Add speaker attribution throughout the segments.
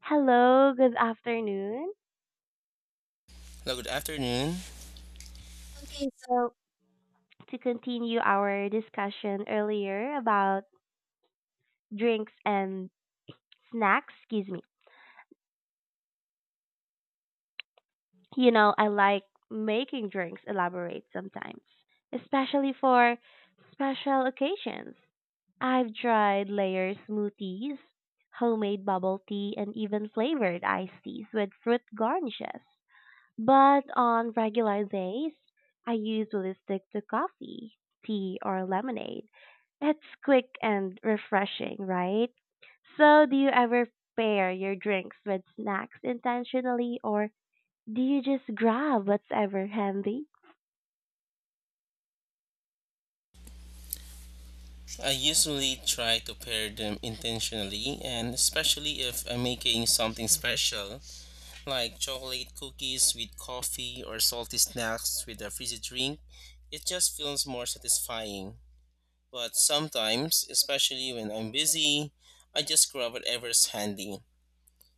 Speaker 1: Hello, good afternoon.
Speaker 2: Hello, good afternoon.
Speaker 1: Okay, so, to continue our discussion earlier about drinks and snacks, excuse me, you know, I like making drinks elaborate sometimes, especially for special occasions. I've tried layered smoothies, homemade bubble tea, and even flavored iced teas with fruit garnishes. But on regular days, I usually stick to coffee, tea, or lemonade. It's quick and refreshing, right? So, do you ever pair your drinks with snacks intentionally or do you just grab whatever handy?
Speaker 2: I usually try to pair them intentionally, and especially if I'm making something special, like chocolate cookies with coffee or salty snacks with a fizzy drink, it just feels more satisfying. But sometimes, especially when I'm busy, I just grab whatever's handy.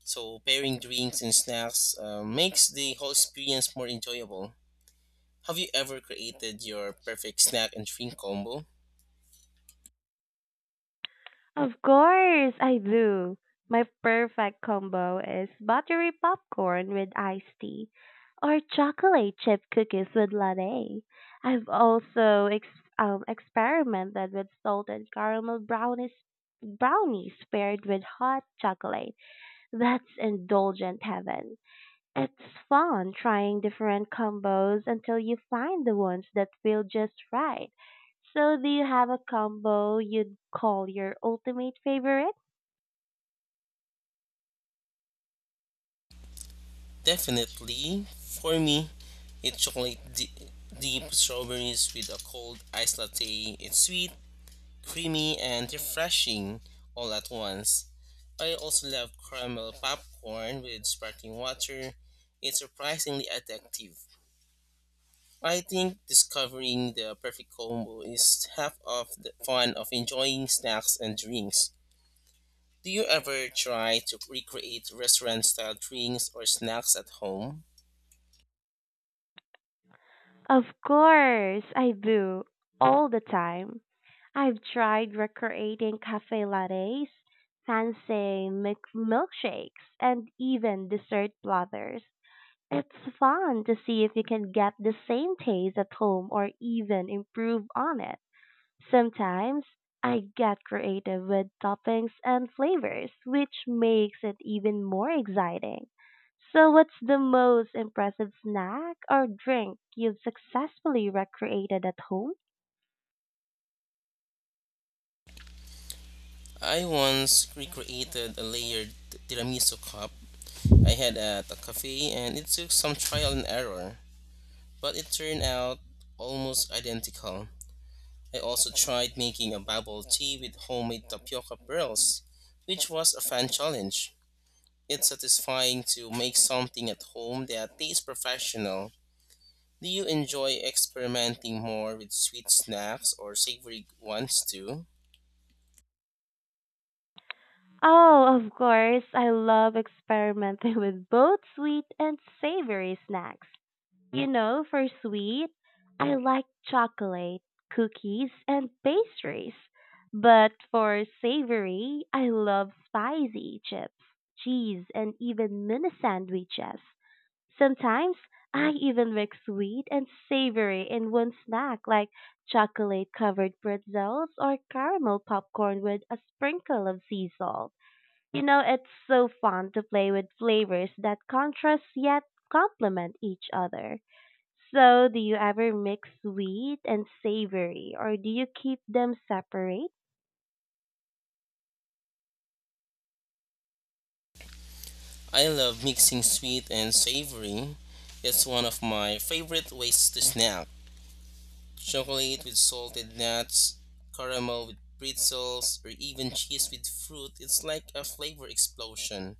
Speaker 2: So pairing drinks and snacks makes the whole experience more enjoyable. Have you ever created your perfect snack and drink combo?
Speaker 1: Of course, I do. My perfect combo is buttery popcorn with iced tea or chocolate chip cookies with latte. I've also experimented with salted caramel brownies paired with hot chocolate. That's indulgent heaven. It's fun trying different combos until you find the ones that feel just right. So, do you have a combo you'd call your ultimate favorite?
Speaker 2: Definitely, for me, it's deep strawberries with a cold iced latte. It's sweet, creamy, and refreshing all at once. I also love caramel popcorn with sparkling water. It's surprisingly addictive. I think discovering the perfect combo is half of the fun of enjoying snacks and drinks. Do you ever try to recreate restaurant style drinks or snacks at home?
Speaker 1: Of course, I do. All the time. I've tried recreating cafe lattes, fancy milkshakes, and even dessert platters. It's fun to see if you can get the same taste at home or even improve on it. Sometimes I get creative with toppings and flavors, which makes it even more exciting. So, what's the most impressive snack or drink you've successfully recreated at home?
Speaker 2: I once recreated a layered tiramisu cup I had at a cafe, and it took some trial and error, but it turned out almost identical. I also tried making a bubble tea with homemade tapioca pearls, which was a fun challenge. It's satisfying to make something at home that tastes professional. Do you enjoy experimenting more with sweet snacks or savory ones too?
Speaker 1: Oh, of course, I love experimenting with both sweet and savory snacks. You know, for sweet, I like chocolate, cookies, and pastries. But for savory, I love spicy chips, cheese, and even mini sandwiches. Sometimes I even mix sweet and savory in one snack, like chocolate covered pretzels or caramel popcorn with a sprinkle of sea salt. You know, it's so fun to play with flavors that contrast yet complement each other. So, do you ever mix sweet and savory, or do you keep them separate?
Speaker 2: I love mixing sweet and savory. It's one of my favorite ways to snack. Chocolate with salted nuts, caramel with pretzels, or even cheese with fruit. It's like a flavor explosion.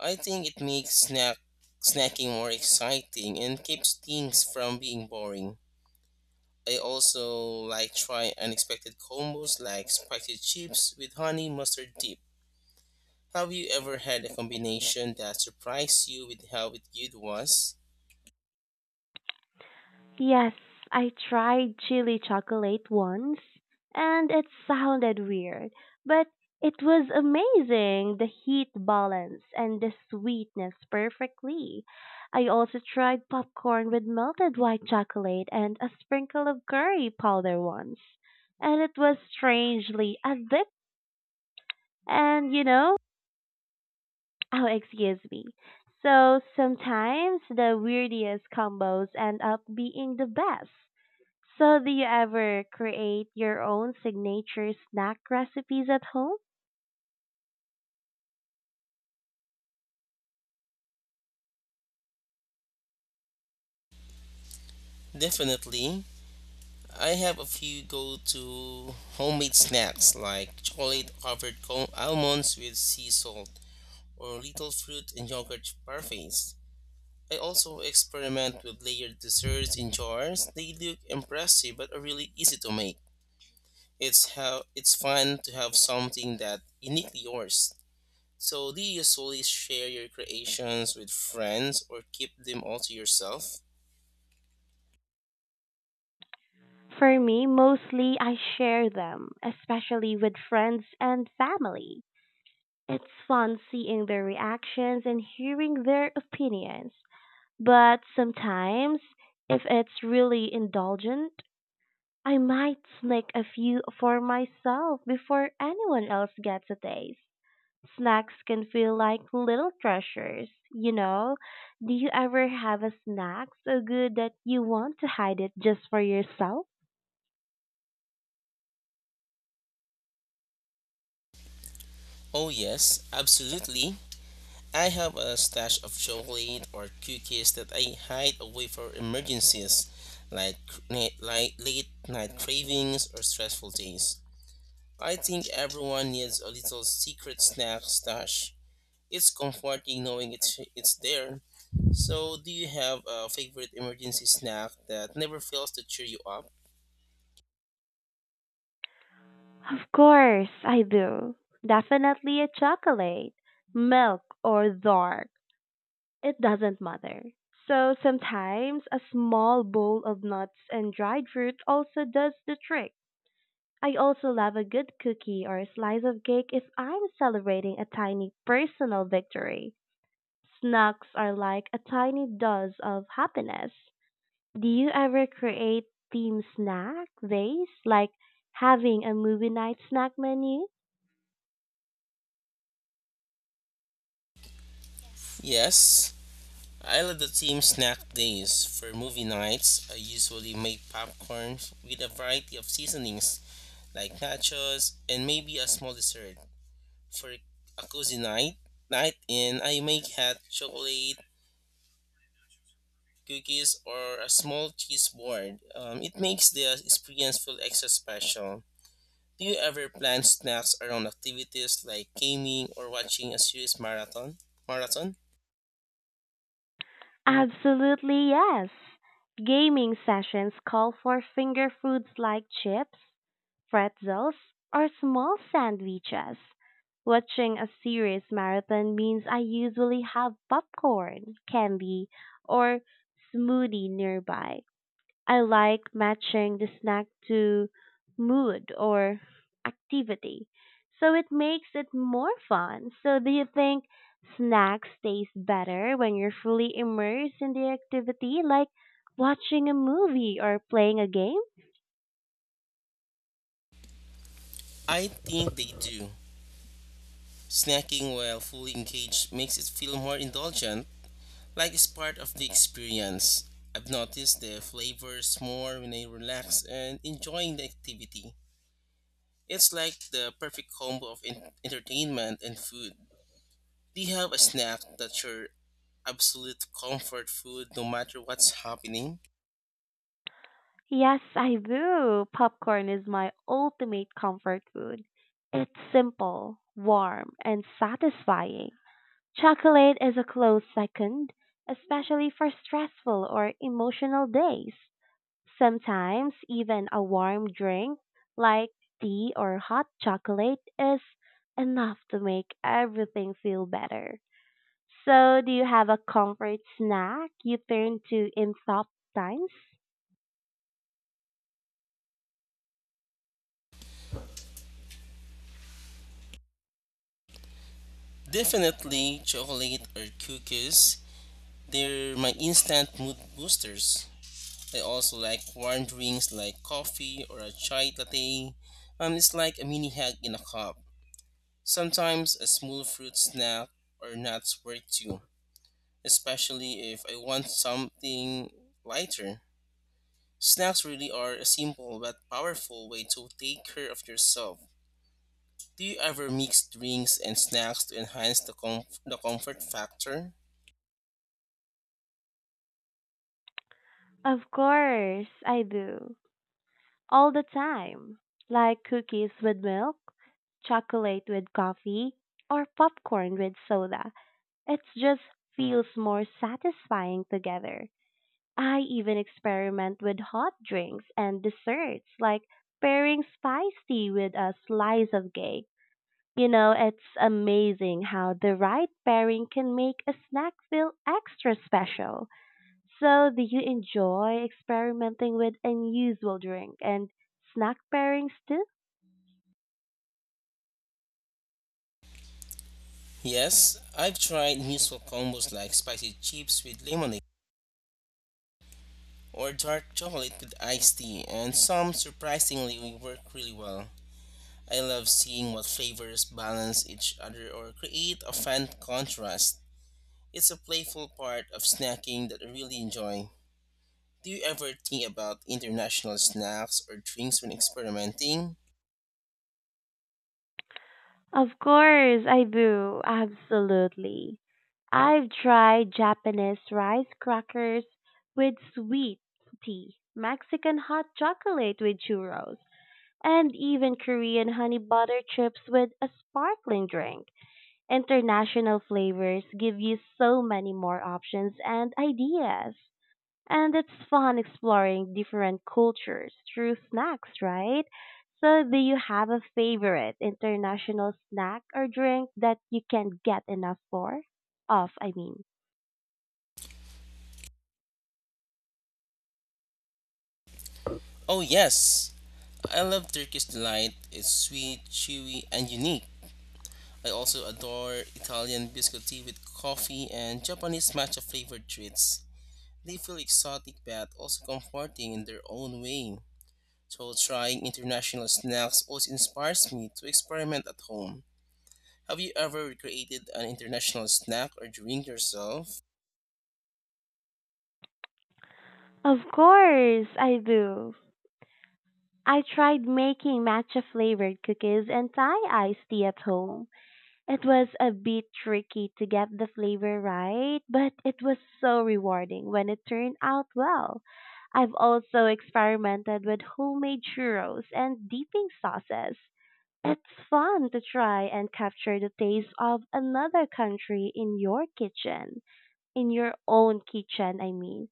Speaker 2: I think it makes snacking more exciting and keeps things from being boring. I also like try unexpected combos like spicy chips with honey mustard dip. Have you ever had a combination that surprised you with how good it was?
Speaker 1: Yes, I tried chili chocolate once, and it sounded weird, but it was amazing. The heat balance and the sweetness perfectly. I also tried popcorn with melted white chocolate and a sprinkle of curry powder once, and it was strangely addictive. And you know, oh, excuse me. So sometimes the weirdest combos end up being the best. So do you ever create your own signature snack recipes at home?
Speaker 2: Definitely. I have a few go to homemade snacks like chocolate covered almonds with sea salt or little fruit and yogurt parfaits. I also experiment with layered desserts in jars. They look impressive but are really easy to make. It's how it's fun to have something that uniquely yours. So, do you usually share your creations with friends or keep them all to yourself?
Speaker 1: For me, mostly I share them, especially with friends and family. It's fun seeing their reactions and hearing their opinions. But sometimes, if it's really indulgent, I might sneak a few for myself before anyone else gets a taste. Snacks can feel like little treasures, you know. Do you ever have a snack so good that you want to hide it just for yourself?
Speaker 2: Oh, yes, absolutely. I have a stash of chocolate or cookies that I hide away for emergencies, like, like late night cravings or stressful days. I think everyone needs a little secret snack stash. It's comforting knowing it's there. So, do you have a favorite emergency snack that never fails to cheer you up?
Speaker 1: Of course, I do. Definitely a chocolate, milk, or dark. It doesn't matter. So sometimes a small bowl of nuts and dried fruit also does the trick. I also love a good cookie or a slice of cake if I'm celebrating a tiny personal victory. Snacks are like a tiny dose of happiness. Do you ever create theme snack days, like having a movie night snack menu?
Speaker 2: Yes, Isle of the Team snack days for movie nights. I usually make popcorn with a variety of seasonings like nachos and maybe a small dessert. For a cozy night, night in, I make hot chocolate, cookies, or a small cheese board. It makes the experience feel extra special. Do you ever plan snacks around activities like gaming or watching a series marathon? Marathon?
Speaker 1: Absolutely, yes. Gaming sessions call for finger foods like chips, pretzels, or small sandwiches. Watching a series marathon means I usually have popcorn, candy, or smoothie nearby. I like matching the snack to mood or activity. So it makes it more fun. So do you think snacks taste better when you're fully immersed in the activity like watching a movie or playing a game?
Speaker 2: I think they do. Snacking while fully engaged makes it feel more indulgent, like it's part of the experience. I've noticed the flavors more when I relax and enjoying the activity. It's like the perfect combo of entertainment and food. Do you have a snack that's your absolute comfort food no matter what's happening?
Speaker 1: Yes, I do. Popcorn is my ultimate comfort food. It's simple, warm, and satisfying. Chocolate is a close second, especially for stressful or emotional days. Sometimes even a warm drink like tea or hot chocolate is enough to make everything feel better. So, do you have a comfort snack you turn to in tough times?
Speaker 2: Definitely chocolate or cookies. They're my instant mood boosters. I also like warm drinks like coffee or a chai latte. It's like a mini hug in a cup. Sometimes a small fruit snack or nuts work too, especially if I want something lighter. Snacks really are a simple but powerful way to take care of yourself. Do you ever mix drinks and snacks to enhance the comfort factor?
Speaker 1: Of course, I do. All the time. Like cookies with milk, chocolate with coffee, or popcorn with soda. It just feels more satisfying together. I even experiment with hot drinks and desserts, like pairing spice tea with a slice of cake. You know, it's amazing how the right pairing can make a snack feel extra special. So, do you enjoy experimenting with unusual drink and snack pairings too?
Speaker 2: Yes, I've tried useful combos like spicy chips with lemonade or dark chocolate with iced tea, and some surprisingly work really well. I love seeing what flavors balance each other or create a fun contrast. It's a playful part of snacking that I really enjoy. Do you ever think about international snacks or drinks when experimenting?
Speaker 1: Of course I do. Absolutely. I've tried Japanese rice crackers with sweet tea, Mexican hot chocolate with churros, and even Korean honey butter chips with a sparkling drink. International flavors give you so many more options and ideas. And it's fun exploring different cultures through snacks, right? So, do you have a favorite international snack or drink that you can't get enough for? Of, I mean.
Speaker 2: Oh, yes! I love Turkish Delight. It's sweet, chewy, and unique. I also adore Italian biscotti with coffee and Japanese matcha flavored treats. They feel exotic but also comforting in their own way. So trying international snacks always inspires me to experiment at home. Have you ever created an international snack or drink yourself?
Speaker 1: Of course, I do. I tried making matcha flavored cookies and Thai iced tea at home. It was a bit tricky to get the flavor right, but it was so rewarding when it turned out well. I've also experimented with homemade churros and dipping sauces. It's fun to try and capture the taste of another country in your kitchen, in your own kitchen, I mean.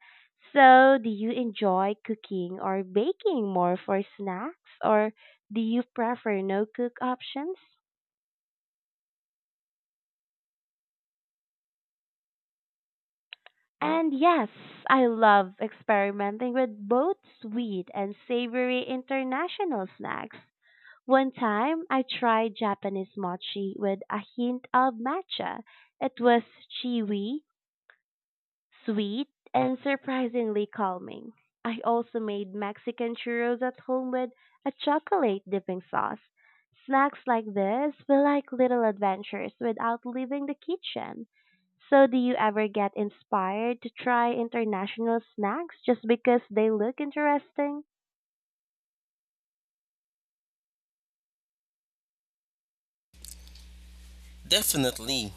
Speaker 1: So, do you enjoy cooking or baking more for snacks, or do you prefer no cook options? And yes, I love experimenting with both sweet and savory international snacks. One time, I tried Japanese mochi with a hint of matcha. It was chewy, sweet and surprisingly calming. I also made Mexican churros at home with a chocolate dipping sauce. Snacks like this feel like little adventures without leaving the kitchen. So, do you ever get inspired to try international snacks just because they look interesting?
Speaker 2: Definitely.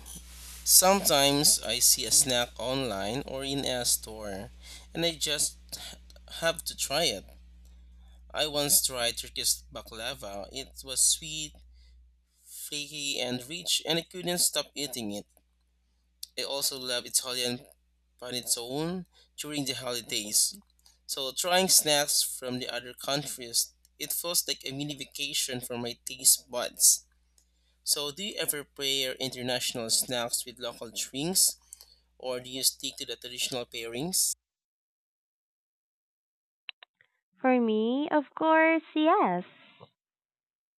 Speaker 2: Sometimes I see a snack online or in a store and I just have to try it. I once tried Turkish baklava. It was sweet, flaky and rich, and I couldn't stop eating it. I also love Italian panettone during the holidays. So trying snacks from the other countries, it feels like a mini vacation for my taste buds. So do you ever pair international snacks with local drinks, or do you stick to the traditional pairings?
Speaker 1: For me, of course, yes.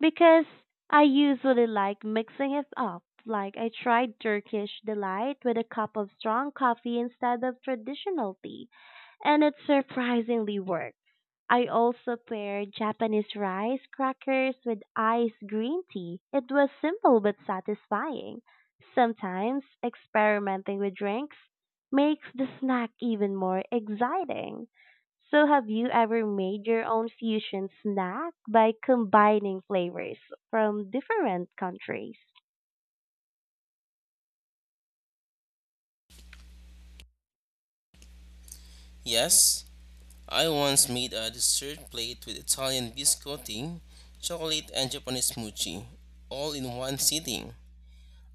Speaker 1: Because I usually like mixing it up. Like I tried Turkish delight with a cup of strong coffee instead of traditional tea, and it surprisingly worked. I also paired Japanese rice crackers with iced green tea. It was simple but satisfying. Sometimes experimenting with drinks makes the snack even more exciting. So, have you ever made your own fusion snack by combining flavors from different countries?
Speaker 2: Yes, I once made a dessert plate with Italian biscotti, chocolate, and Japanese mochi, all in one sitting.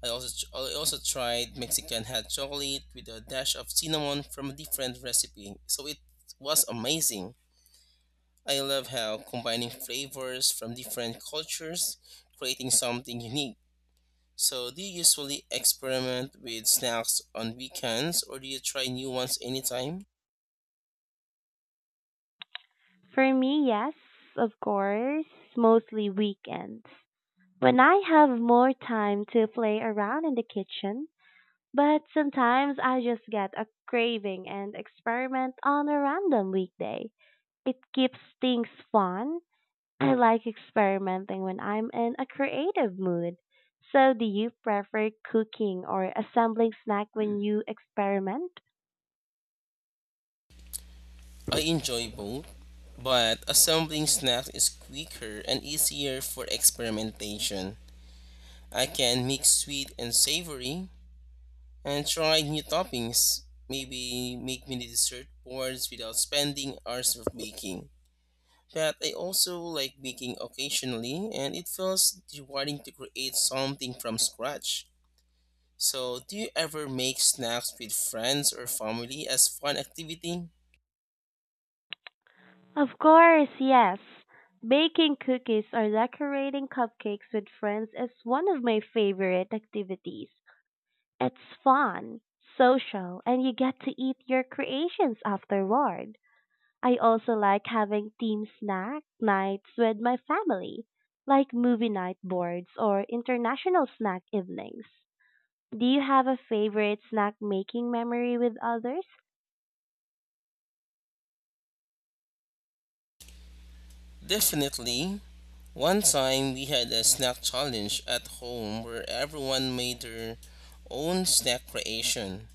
Speaker 2: I also I also tried Mexican hot chocolate with a dash of cinnamon from a different recipe. So it was amazing. I love how combining flavors from different cultures creating something unique. So do you usually experiment with snacks on weekends or do you try new ones anytime?
Speaker 1: For me, yes, of course, mostly weekends. When I have more time to play around in the kitchen, but sometimes I just get a craving and experiment on a random weekday. It keeps things fun. I like experimenting when I'm in a creative mood. So, do you prefer cooking or assembling snack when you experiment?
Speaker 2: I enjoy both, but assembling snacks is quicker and easier for experimentation. I can mix sweet and savory and try new toppings. Maybe make mini dessert boards without spending hours of baking. But I also like baking occasionally, and it feels rewarding to create something from scratch. So, do you ever make snacks with friends or family as fun activity?
Speaker 1: Of course, yes. Baking cookies or decorating cupcakes with friends is one of my favorite activities. It's fun, social, and you get to eat your creations afterward. I also like having team snack nights with my family, like movie night boards or international snack evenings. Do you have a favorite snack making memory with others?
Speaker 2: Definitely. One time we had a snack challenge at home where everyone made their own snack creation.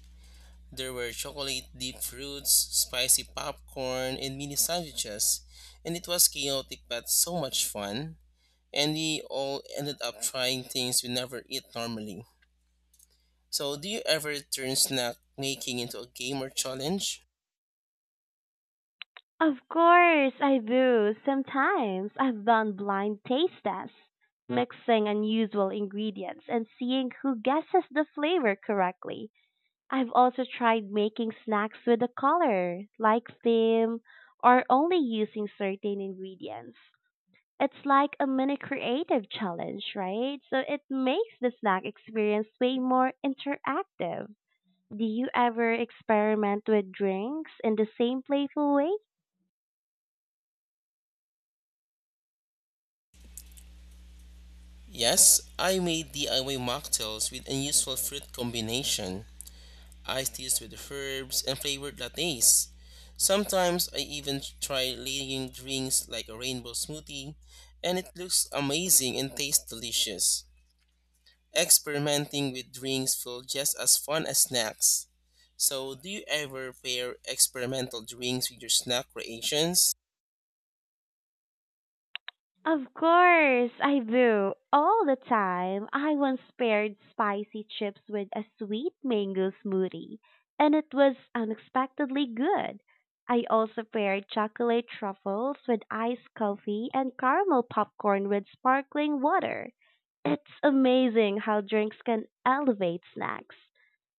Speaker 2: There were chocolate dipped fruits, spicy popcorn, and mini sandwiches, and it was chaotic but so much fun. And we all ended up trying things we never eat normally. So, do you ever turn snack making into a game or challenge?
Speaker 1: Of course, I do. Sometimes I've done blind taste tests, mixing unusual ingredients and seeing who guesses the flavor correctly. I've also tried making snacks with a color, like theme, or only using certain ingredients. It's like a mini creative challenge, right? So it makes the snack experience way more interactive. Do you ever experiment with drinks in the same playful way?
Speaker 2: Yes, I made DIY mocktails with unusual fruit combination. Iced teas with herbs and flavored lattes. Sometimes I even try leading drinks like a rainbow smoothie, and it looks amazing and tastes delicious. Experimenting with drinks feels just as fun as snacks. So, do you ever pair experimental drinks with your snack creations?
Speaker 1: Of course, I do. All the time. I once paired spicy chips with a sweet mango smoothie, and it was unexpectedly good. I also paired chocolate truffles with iced coffee and caramel popcorn with sparkling water. It's amazing how drinks can elevate snacks.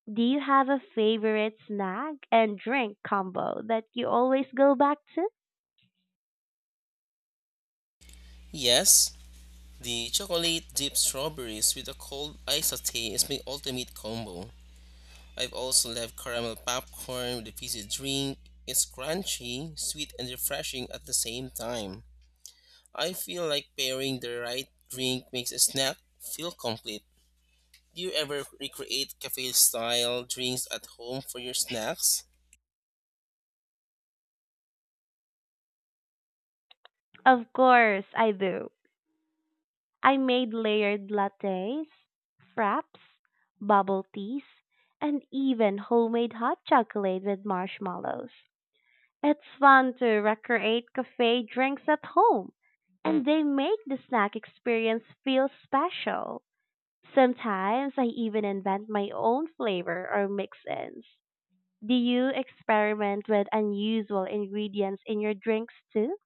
Speaker 1: Do you have a favorite snack and drink combo that you always go back to?
Speaker 2: Yes, the chocolate dipped strawberries with a cold iced latte is my ultimate combo. I've also loved caramel popcorn with a fizzy drink. It's crunchy, sweet, and refreshing at the same time. I feel like pairing the right drink makes a snack feel complete. Do you ever recreate cafe style drinks at home for your snacks?
Speaker 1: Of course, I do. I made layered lattes, fraps, bubble teas, and even homemade hot chocolate with marshmallows. It's fun to recreate cafe drinks at home, and they make the snack experience feel special. Sometimes I even invent my own flavor or mix ins. Do you experiment with unusual ingredients in your drinks too?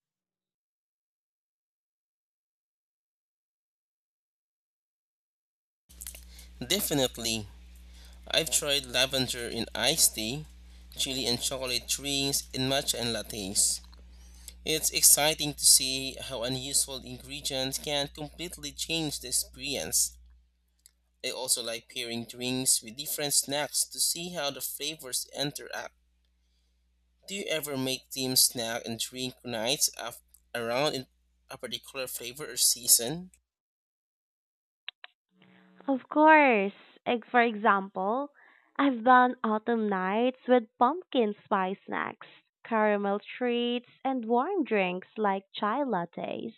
Speaker 2: Definitely. I've tried lavender in iced tea, chili and chocolate drinks, and matcha and lattes. It's exciting to see how unuseful ingredients can completely change the experience. I also like pairing drinks with different snacks to see how the flavors interact. Do you ever make team snack and drink nights around in a particular flavor or season?
Speaker 1: Of course. Like, for example, I've done autumn nights with pumpkin spice snacks, caramel treats, and warm drinks like chai lattes.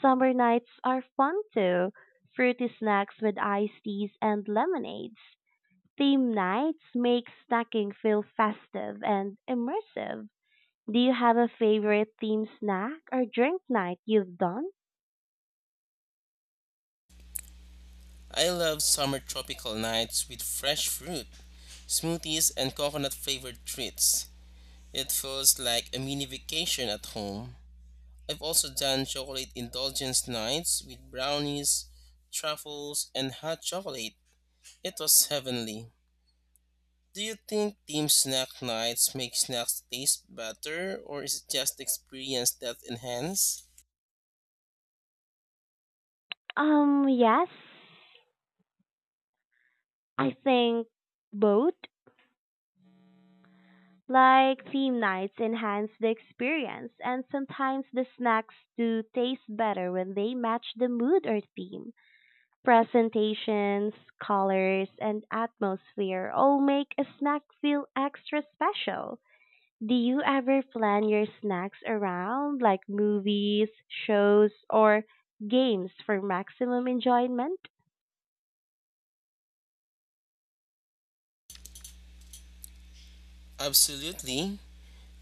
Speaker 1: Summer nights are fun too, fruity snacks with iced teas and lemonades. Theme nights make snacking feel festive and immersive. Do you have a favorite theme snack or drink night you've done?
Speaker 2: I love summer tropical nights with fresh fruit, smoothies, and coconut flavored treats. It feels like a mini vacation at home. I've also done chocolate indulgence nights with brownies, truffles, and hot chocolate. It was heavenly. Do you think team snack nights make snacks taste better or is it just experience that enhance?
Speaker 1: Yes. I think both. Like theme nights enhance the experience and sometimes the snacks do taste better when they match the mood or theme. Presentations, colors, and atmosphere all make a snack feel extra special. Do you ever plan your snacks around like movies, shows, or games for maximum enjoyment?
Speaker 2: Absolutely.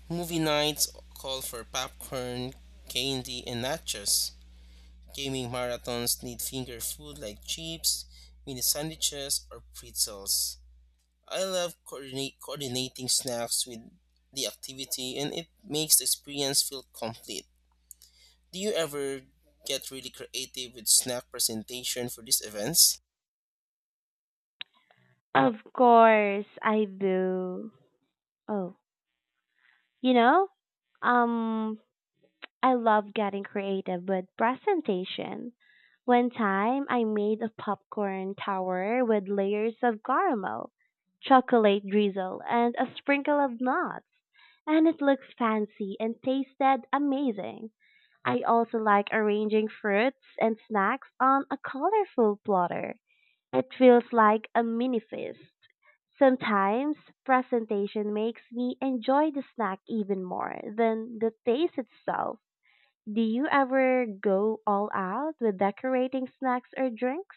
Speaker 2: Movie nights call for popcorn, candy, and nachos. Gaming marathons need finger food like chips, mini sandwiches, or pretzels. I love coordinating snacks with the activity, and it makes the experience feel complete. Do you ever get really creative with snack presentation for these events?
Speaker 1: Of course, I do. Oh, you know, um, I love getting creative with presentation. One time, I made a popcorn tower with layers of caramel, chocolate drizzle, and a sprinkle of nuts, and it looked fancy and tasted amazing. I also like arranging fruits and snacks on a colorful platter. It feels like a mini feast. Sometimes presentation makes me enjoy the snack even more than the taste itself. Do you ever go all out with decorating snacks or drinks?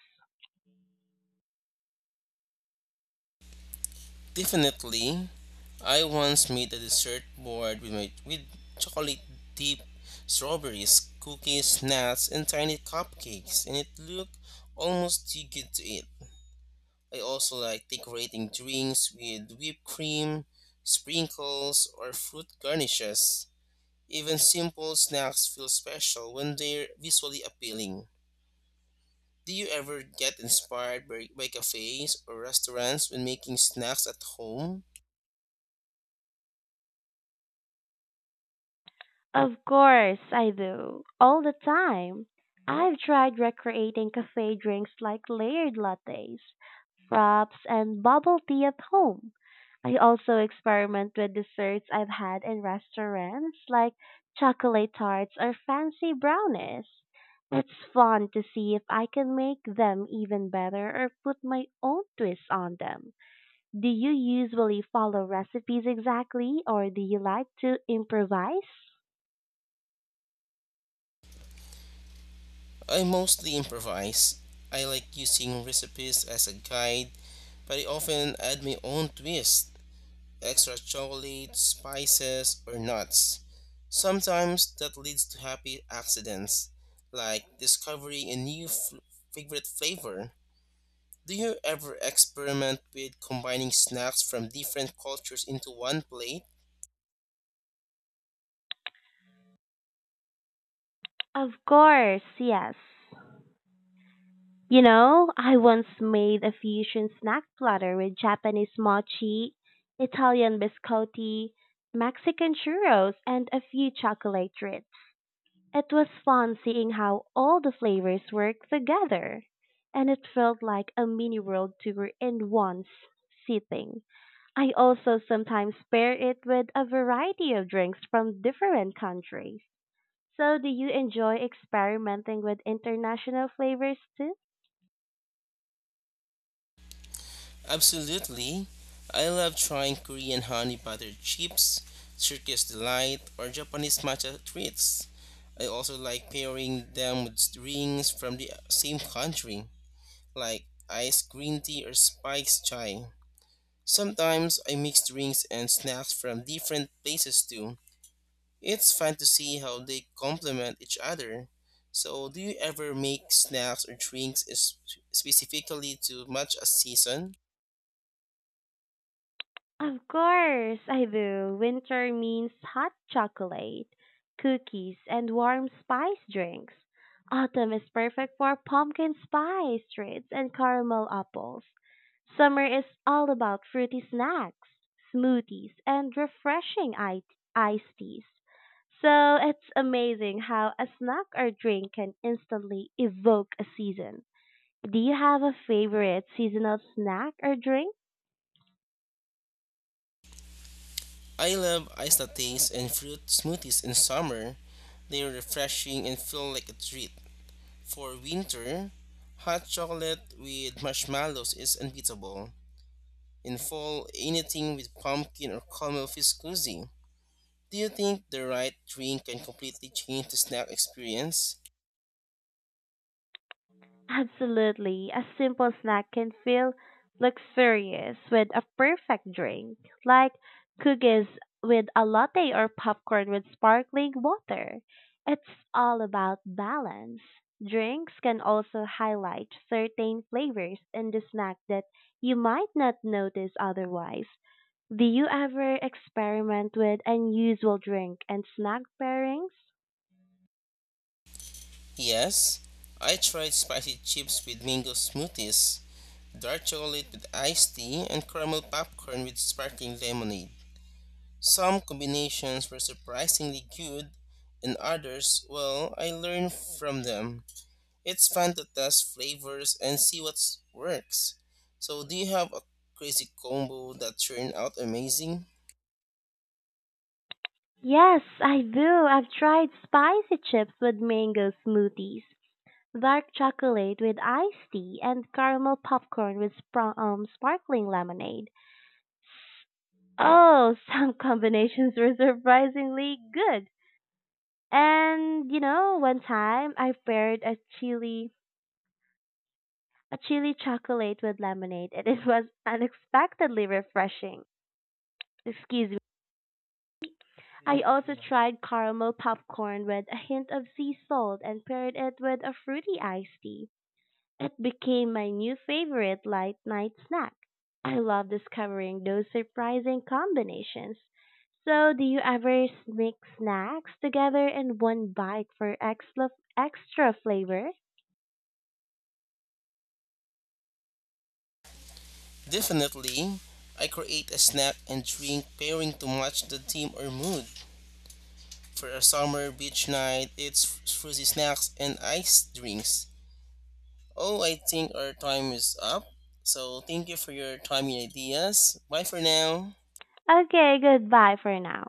Speaker 2: Definitely. I once made a dessert board with my with chocolate dip, strawberries, cookies, nuts, and tiny cupcakes, and it looked almost too good to eat. I also like decorating drinks with whipped cream, sprinkles, or fruit garnishes. Even simple snacks feel special when they're visually appealing. Do you ever get inspired by cafes or restaurants when making snacks at home?
Speaker 1: Of course I do. All the time. I've tried recreating cafe drinks like layered lattes, wraps, and bubble tea at home. I also experiment with desserts I've had in restaurants like chocolate tarts or fancy brownies. It's fun to see if I can make them even better or put my own twist on them. Do you usually follow recipes exactly or do you like to improvise?
Speaker 2: I mostly improvise. I like using recipes as a guide, but I often add my own twist extra chocolate, spices, or nuts. Sometimes that leads to happy accidents, like discovering a new favorite flavor. Do you ever experiment with combining snacks from different cultures into one plate?
Speaker 1: Of course, yes. You know, I once made a fusion snack platter with Japanese mochi, Italian biscotti, Mexican churros, and a few chocolate treats. It was fun seeing how all the flavors work together, and it felt like a mini world tour in one sitting. I also sometimes pair it with a variety of drinks from different countries. So, do you enjoy experimenting with international flavors too?
Speaker 2: Absolutely. I love trying Korean honey butter chips, Turkish delight, or Japanese matcha treats. I also like pairing them with drinks from the same country, like iced green tea or spiced chai. Sometimes I mix drinks and snacks from different places too. It's fun to see how they complement each other. So, do you ever make snacks or drinks specifically to match a season?
Speaker 1: Of course I do. Winter means hot chocolate, cookies, and warm spice drinks. Autumn is perfect for pumpkin spice treats and caramel apples. Summer is all about fruity snacks, smoothies, and refreshing iced teas. So it's amazing how a snack or drink can instantly evoke a season. Do you have a favorite seasonal snack or drink?
Speaker 2: I love iced lattes and fruit smoothies in summer. They are refreshing and feel like a treat. For winter, hot chocolate with marshmallows is unbeatable. In fall, anything with pumpkin or caramel feels cozy. Do you think the right drink can completely change the snack experience?
Speaker 1: Absolutely. A simple snack can feel luxurious with a perfect drink, like cookies with a latte or popcorn with sparkling water. It's all about balance. Drinks can also highlight certain flavors in the snack that you might not notice otherwise. Do you ever experiment with unusual drink and snack pairings?
Speaker 2: Yes, I tried spicy chips with mango smoothies, dark chocolate with iced tea, and caramel popcorn with sparkling lemonade. Some combinations were surprisingly good, and others, well, I learned from them. It's fun to test flavors and see what works. So, do you have a crazy combo that turned out amazing?
Speaker 1: Yes, I do. I've tried spicy chips with mango smoothies, dark chocolate with iced tea, and caramel popcorn with sparkling lemonade. Oh, some combinations were surprisingly good. And you know, one time I paired a chili chocolate with lemonade, and it was unexpectedly refreshing. Excuse me. I also tried caramel popcorn with a hint of sea salt and paired it with a fruity iced tea. It became my new favorite light night snack. I love discovering those surprising combinations. So, do you ever mix snacks together in one bite for extra flavor?
Speaker 2: Definitely. I create a snack and drink pairing to match the theme or mood. For a summer beach night, it's fruity snacks and iced drinks. Oh, I think our time is up. So thank you for your time and ideas. Bye for now.
Speaker 1: Okay, goodbye for now.